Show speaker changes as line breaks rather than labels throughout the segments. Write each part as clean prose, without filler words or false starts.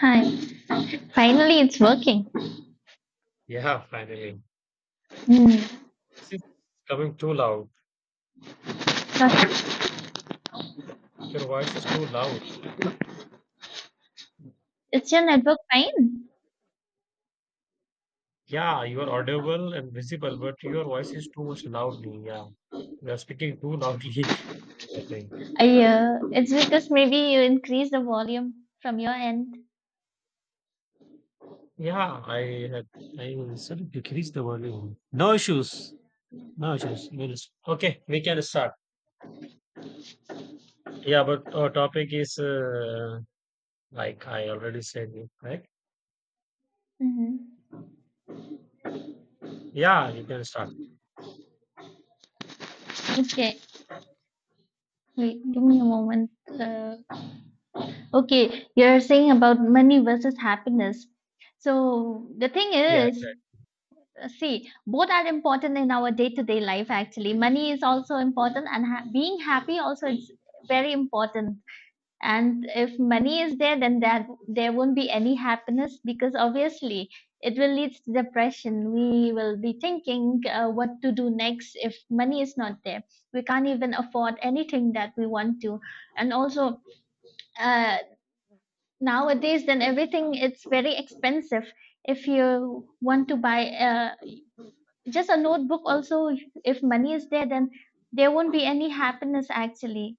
Hi. Finally, it's working.
Yeah, finally.
Hmm.
Voice is coming too loud.
Perfect.
Your voice is too loud.
Is your network fine?
Yeah, you are audible and visible, but your voice is too much loudly. Yeah, you are speaking too loudly. I think.
It's because maybe you increase the volume from your end.
Yeah, I had. I will sort of decrease the volume. No issues. No issues. We'll Okay, we can start. Yeah, but our topic is like I already said, right?
Mm-hmm.
Yeah, you can start.
Okay. Wait, give me a moment. Okay, you're saying about money versus happiness. So the thing
Yeah,
is, See, both are important in our day-to-day life. Actually, money is also important, and being happy also is very important. And if money is there then that there won't be any happiness, because obviously it will lead to depression. We will be thinking what to do next. If money is not there, we can't even afford anything that we want to. And also, uh, nowadays then everything it's very expensive. If you want to buy just a notebook also, if money is there then there won't be any happiness actually.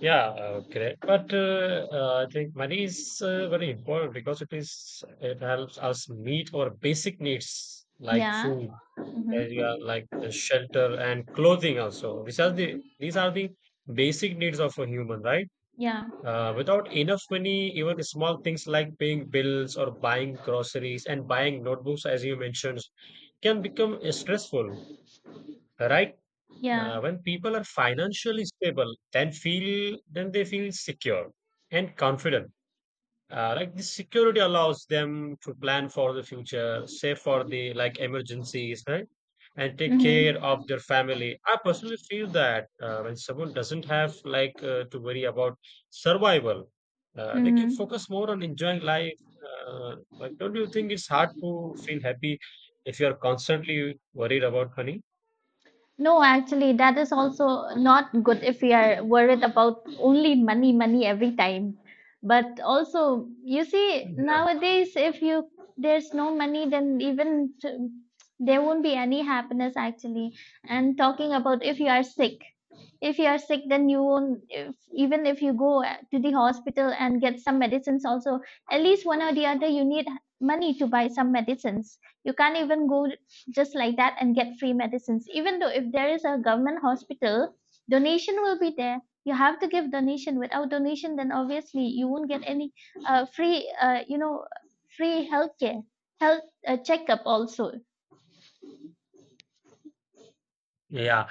yeah, correct. But I think money is very important because it helps us meet our basic needs like
Yeah.
food,
Hmm.
area, like shelter and clothing also. These are the basic needs of a human, right?
Yeah.
Without enough money, even small things like paying bills or buying groceries and buying notebooks, as you mentioned, can become stressful, right?
Yeah.
When people are financially stable, then they feel secure and confident. Like this security allows them to plan for the future, save for the like emergencies, right? And take care of
Mm-hmm.
their family. I personally feel that when someone doesn't have like to worry about survival, they can
Mm-hmm.
focus more on enjoying life. Like, don't you think it's hard to feel happy if you are constantly worried about money?
No, actually, that is also not good if we are worried about only money, money every time. But also, you see,
Yeah.
nowadays, if you there's no money, then there won't be any happiness actually. And talking about if you are sick, if you are sick then you won't, if, even if you go to the hospital and get some medicines also, at least one or the other you need money to buy some medicines. You can't even go just like that and get free medicines, even though if there is a government hospital. Donation will be there, you have to give donation. Without donation then obviously you won't get any free, free healthcare, health checkup also.
Yeah.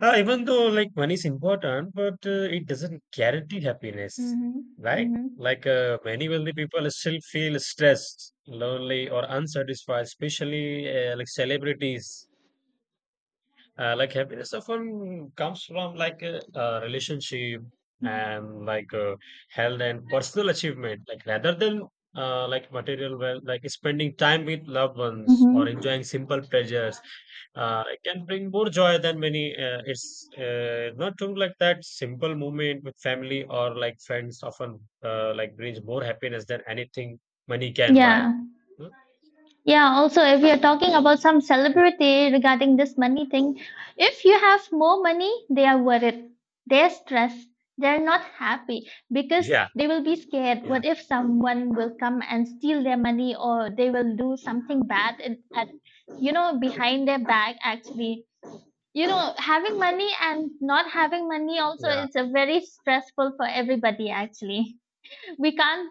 Even though like money is important, but it doesn't guarantee happiness,
Mm-hmm.
right?
Mm-hmm.
Like many wealthy people still feel stressed, lonely, or unsatisfied, especially like celebrities like happiness often comes from like a relationship and like health and personal achievement, like rather than like material well, like spending time with loved ones or
Mm-hmm.
enjoying simple pleasures, it can bring more joy than many. It's not true like that simple moment with family or like friends often like brings more happiness than anything money can buy.
Yeah.
Hmm?
Yeah, also, if you're talking about some
Yeah,
celebrity regarding this money thing, if you have more money, they are worried. They're stressed. They're not happy because
yeah,
they will be scared.
yeah,
What if someone will come and steal their money, or they will do something bad at, you know, behind their back, actually? You know, having money and not having money also
yeah,
it's a very stressful for everybody, actually. We can't.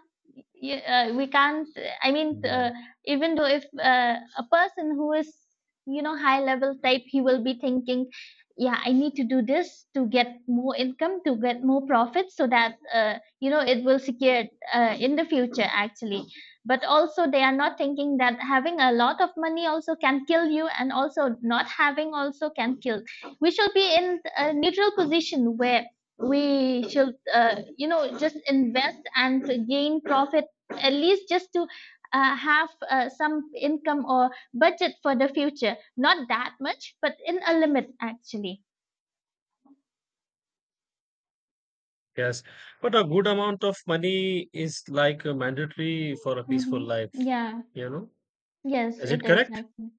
Yeah, we can't. i mean
yeah.
uh, even though if a person who is, you know, high level type, he will be thinking, yeah, I need to do this to get more income, to get more profits, so that you know, it will secure in the future actually. But also they are not thinking that having a lot of money also can kill you, and also not having also can kill. We should be in a neutral position where we should you know, just invest and gain profit, at least just to have some income or budget for the future. Not that much, but in a limit, actually.
Yes, but a good amount of money is like mandatory for a peaceful
Hmm.
life,
Yeah.
you know.
Yes,
Is
it
it
is
correct?
actually.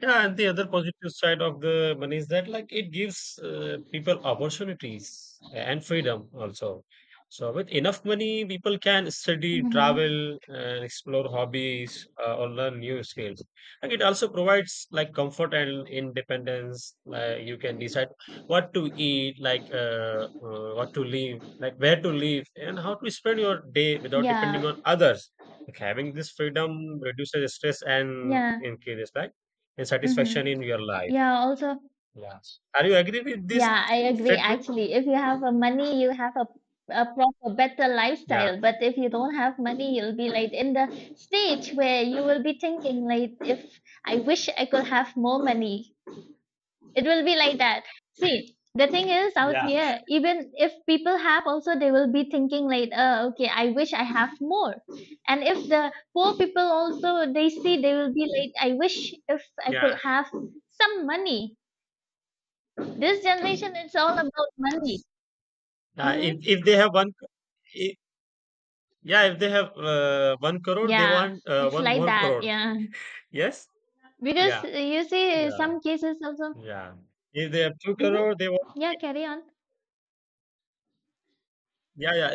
Yeah, and the other positive side of the money is that like it gives people opportunities and freedom also. So with enough money, people can study,
Hmm.
travel, and explore hobbies or learn new skills. And it also provides like comfort and independence. Like you can decide what to eat, like what to live, like where to live, and how to spend your day without
Yeah.
depending on others. Like having this freedom reduces stress and
Yeah.
increases like and satisfaction
Hmm.
in your life.
Yeah. Also,
Yeah. Are you agree with this
yeah, I agree.
statement?
Actually, if you have a money, you have a proper, better
Yeah.
lifestyle. But if you don't have money, you'll be like in the stage where you will be thinking like, if I wish I could have more money. It will be like that. See, the thing is out
Yeah.
here, even if people have also, they will be thinking like, oh, okay, I wish I have more. And if the poor people also, they see, they will be like, I wish if I
Yeah.
could have some money. This generation, it's all about money.
Uh, if,
Hmm.
if they have one, I yeah, if they have 1 crore, they
Yeah,
want
it's
one
like
more
that.
crore.
Yeah.
Yes.
Because
Yeah.
you see,
Yeah.
some cases also,
Yeah. If they have two
hmm,
crore, they want.
yeah, carry on.
Yeah. Yeah.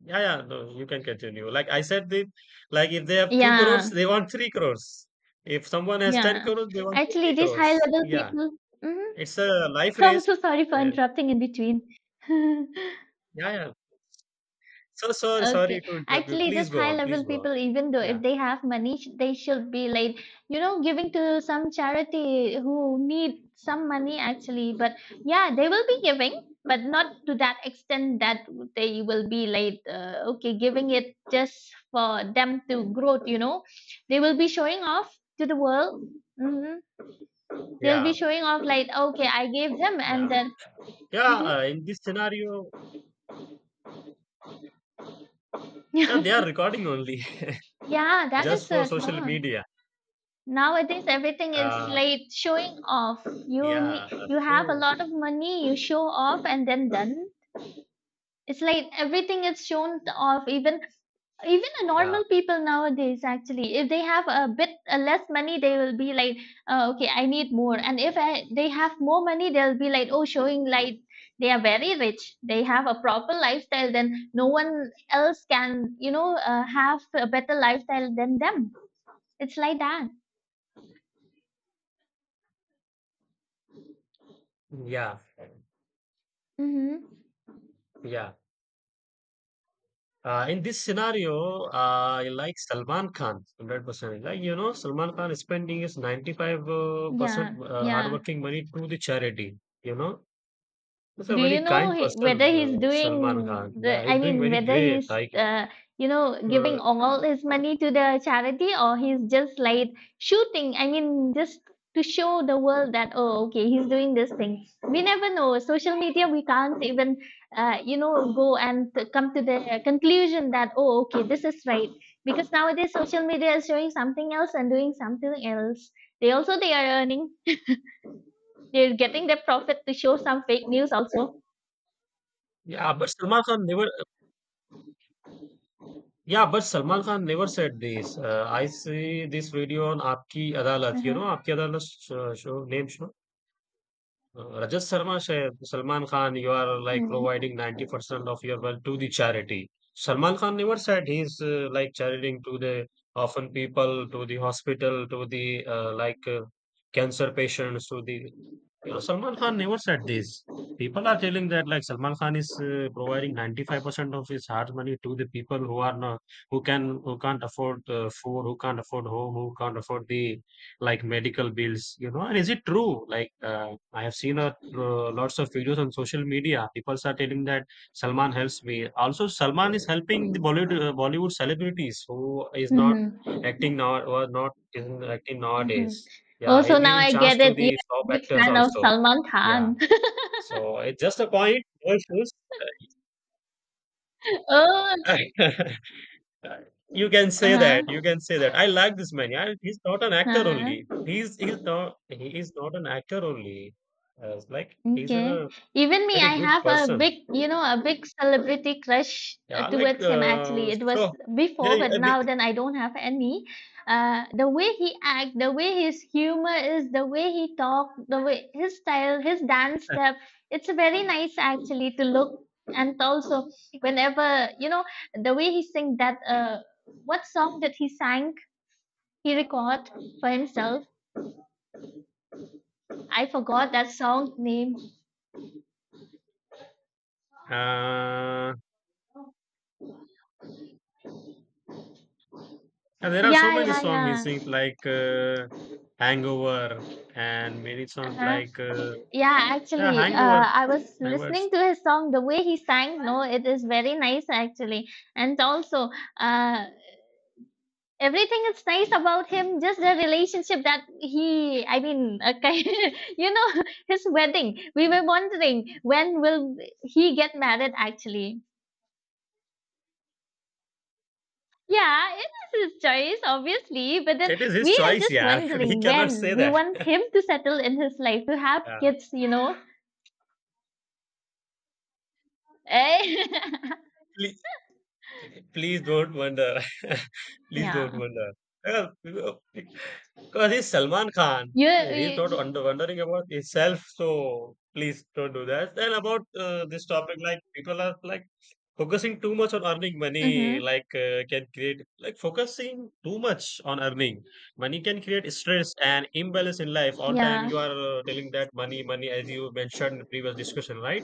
Yeah. Yeah. No, you can continue. Like I said, like if they have 2 crores,
Yeah,
they want 3 crores. If someone has ten
yeah.
crores, they want
Actually,
20
these high
crores.
level
Yeah.
people, mhm.
It's a life
I'm
race.
so sorry for
Uh,
interrupting in between.
yeah. Yeah. So sorry,
Okay.
sorry to interrupt you.
Actually,
Please
just
go
high
on.
level
Please go on.
people, even though if
Yeah,
they have money, they should be like, you know, giving to some charity who need some money actually. But yeah, they will be giving, but not to that extent that they will be like, okay, giving it just for them to grow, you know. They will be showing off to the world. Hmm. They'll
yeah,
be showing off like, okay, I gave them and
yeah,
then.
yeah.
Mhm.
In this scenario, they are recording only
Yeah, that is
just for
it.
social
No.
media.
Nowadays, everything is
Uh,
like showing off. You
yeah.
need, you have a
So
lot of money, you show off, and then done. It's like everything is shown off. Even a
yeah,
normal people nowadays, actually, if they have a bit less money, they will be like, oh, okay, I need more. And if I, they have more money, they'll be like, oh, showing like they are very rich. They have a proper lifestyle. Then no one else can, you know, have a better lifestyle than them. It's like that.
yeah,
Mm-hmm.
yeah. In this scenario, I like Salman Khan, 100%. Like, you know, Salman Khan is spending his 95% percent
Yeah, yeah.
hardworking money to the charity. You know, he's a
Do you
very
know
kind
he,
person,
whether he's
Salman Khan.
doing
Yeah,
the, I
he's doing
mean,
very
whether
great.
he's,
Like,
uh, you know, giving
uh,
all his money to the charity, or he's just like shooting, I mean, just to show the world that, oh, okay, he's doing this thing. We never know. Social media, we can't even, you know, go and come to the conclusion that, oh, okay, this is right. Because nowadays, social media is showing something else and doing something else. They also, they are earning. They're getting their profit to show some fake news also.
yeah, but Salman Khan never. Yeah, but Salman Khan never said this. I see this video on Aapki Adalat. You know,
Mhm.
Aapki Adalat show, show name show. Rajat Sharma said, Salman Khan, you are like
Mhm.
providing 90% of your wealth to the charity. Salman Khan never said he's like charitying to the orphan people, to the hospital, to the like cancer patients, to the You know, Salman Khan never said this. People are telling that like Salman Khan is providing 95% of his hard money to the people who are not who can't afford food, who can't afford home, who can't afford the like medical bills. You know, and is it true? Like I have seen lots of videos on social media. People are telling that Salman helps me. Also, Salman is helping the Bollywood celebrities who is not
Mhm.
acting now or not isn't acting
Mhm.
nowadays. Yeah,
Also,
he's
now
giving
I
chance
get
to
it. You're
the top
a big
actors
fan of
also.
Salman
Yeah.
Khan.
So it's just a point. No issues.
Oh,
You can
uh
say that. You
huh.
can say that. I like this man. Yeah, he's not an actor only.
Uh-huh.
He is not an actor only. Like he's
Okay.
a
Even me,
very
I
good
have a
person.
big, you know, a big celebrity crush
Yeah, like
towards him actually. It was
so. Yeah,
before,
yeah,
but now then I don't have any. The way he act, the way his humor is, the way he talk, the way his style, his dance step, it's very nice actually to look. And also, whenever, you know, the way he sing that, what song that he sang, he record for himself. I forgot that song name.
uh, and there are so
Yeah,
many
yeah,
songs he
yeah.
sings like Hangover and many songs
Uh-huh.
like.
Yeah,
Yeah,
actually, uh,
Hangover.
I was
Hangovers.
listening to his song. The way he sang, no, it is very nice actually, and also, uh, everything is nice about him. Just the relationship that he, I mean, you know, his wedding. We were wondering when will he get married actually. Yeah, it is his choice, obviously, but then
It is
we
his
are
choice,
just
yeah. We
wondering
cannot
when
say
we
that.
want him to settle in his life, to have
Yeah.
kids, you know. Eh?
Please don't wonder. Please don't
Yeah.
wonder. Yeah, because he's Salman Khan.
You,
And he's not
you.
under wondering about himself. So please don't do that. And about this topic, like people are like focusing too much on earning money,
Mhm.
like can create like focusing too much on earning money can create stress and imbalance in life. All time
Yeah.
you are telling that money, money, as you mentioned in previous discussion, right?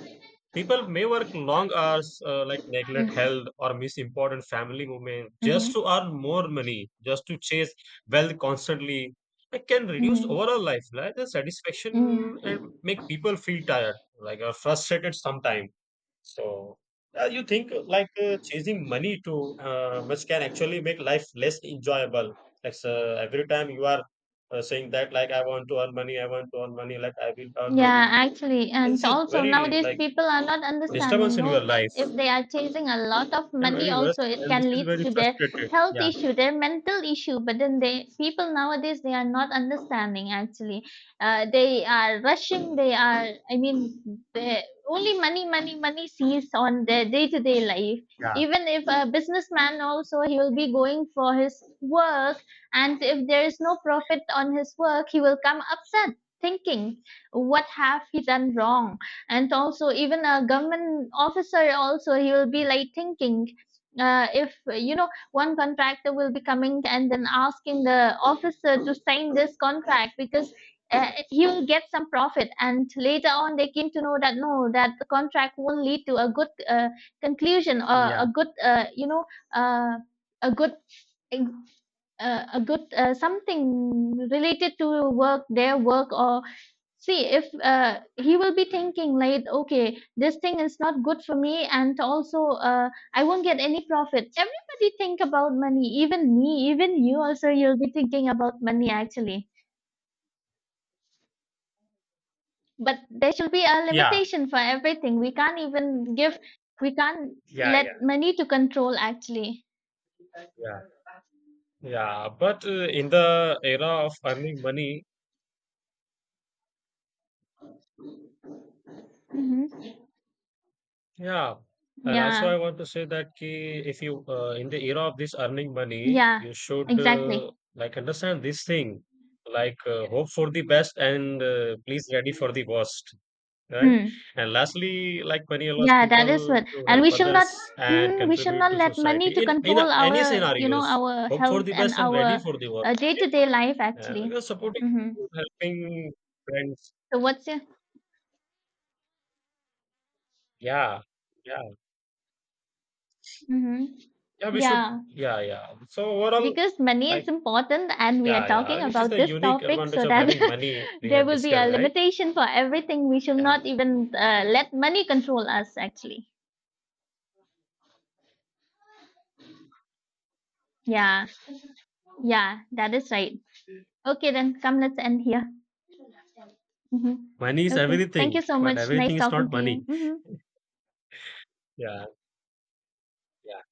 People may work long hours, like neglect
Mhm.
health or miss important family moments just
Mhm.
to earn more money, just to chase wealth constantly. It can reduce
Mhm.
overall life, like the satisfaction,
Mhm.
and make people feel tired, like or frustrated sometimes. So, you think like chasing money to much can actually make life less enjoyable. Like every time you are saying that, like I want to earn money, I want to earn money, like I will earn
Yeah,
money.
actually,
And
and
this is
also
very
nowadays
like
people are not
disturbance
understanding.
in
No,
your
they,
life
if they are chasing a lot of
and
money,
very worse
also it
and this
can
is
lead
very
to their
frustrated.
health
Yeah,
issue, their mental issue. But then they people nowadays they are not understanding. Actually, they are rushing. They are, I mean, they, only money, money, money sees on their day to day life.
yeah,
Even if a businessman also, he will be going for his work, and if there is no profit on his work, he will come upset thinking what have he done wrong. And also even a government officer also he will be like thinking if you know one contractor will be coming and then asking the officer to sign this contract, because he will get some profit. And later on they came to know that no, that the contract won't lead to a good conclusion or
yeah,
a good uh, a good a good something related to work, their work. Or see if he will be thinking like okay this thing is not good for me, and also I won't get any profit. Everybody think about money, even me, even you also, you'll be thinking about money actually. But there should be a
yeah,
limitation for everything. We can't
yeah, yeah,
let money to control actually.
yeah, yeah, but in the era of earning money.
Hmm.
Yeah. And also
Yeah.
I want to say that ki, if you in the era of this earning money
Yeah.
you should
Exactly.
like understand this thing like hope for the best and please ready for the worst. Right.
Hmm.
And lastly, like money allows
Yeah, that is
people
what.
to
And
help
we shall not,
others and
mhm, we shall
contribute
not
to
let money
society
to
in in
control
a- any
our, you know,
scenarios.
our
Hope for
health
the
and
best and ready
our
for the worst.
day-to-day life
Okay?
actually.
You're supporting,
Hmm.
helping friends.
So what's your,
Yeah, yeah,
hmm,
yeah. We should.
yeah,
Yeah, yeah. So overall,
because money is
like,
important and we are
yeah,
talking
yeah. Which is
about
the
this
unique
topic
advantage
so
of
that
having money we
there
have
will be a
discussed, right?
limitation for everything. We shall
Yeah.
not even let money control us actually. Yeah. Yeah, that is right. Okay then, come let's end here. Hmm.
Money is
Okay. Thank you
everything,
so
but
much. Nice
everything is
talking
not
to you.
money.
Hmm.
Yeah, yeah,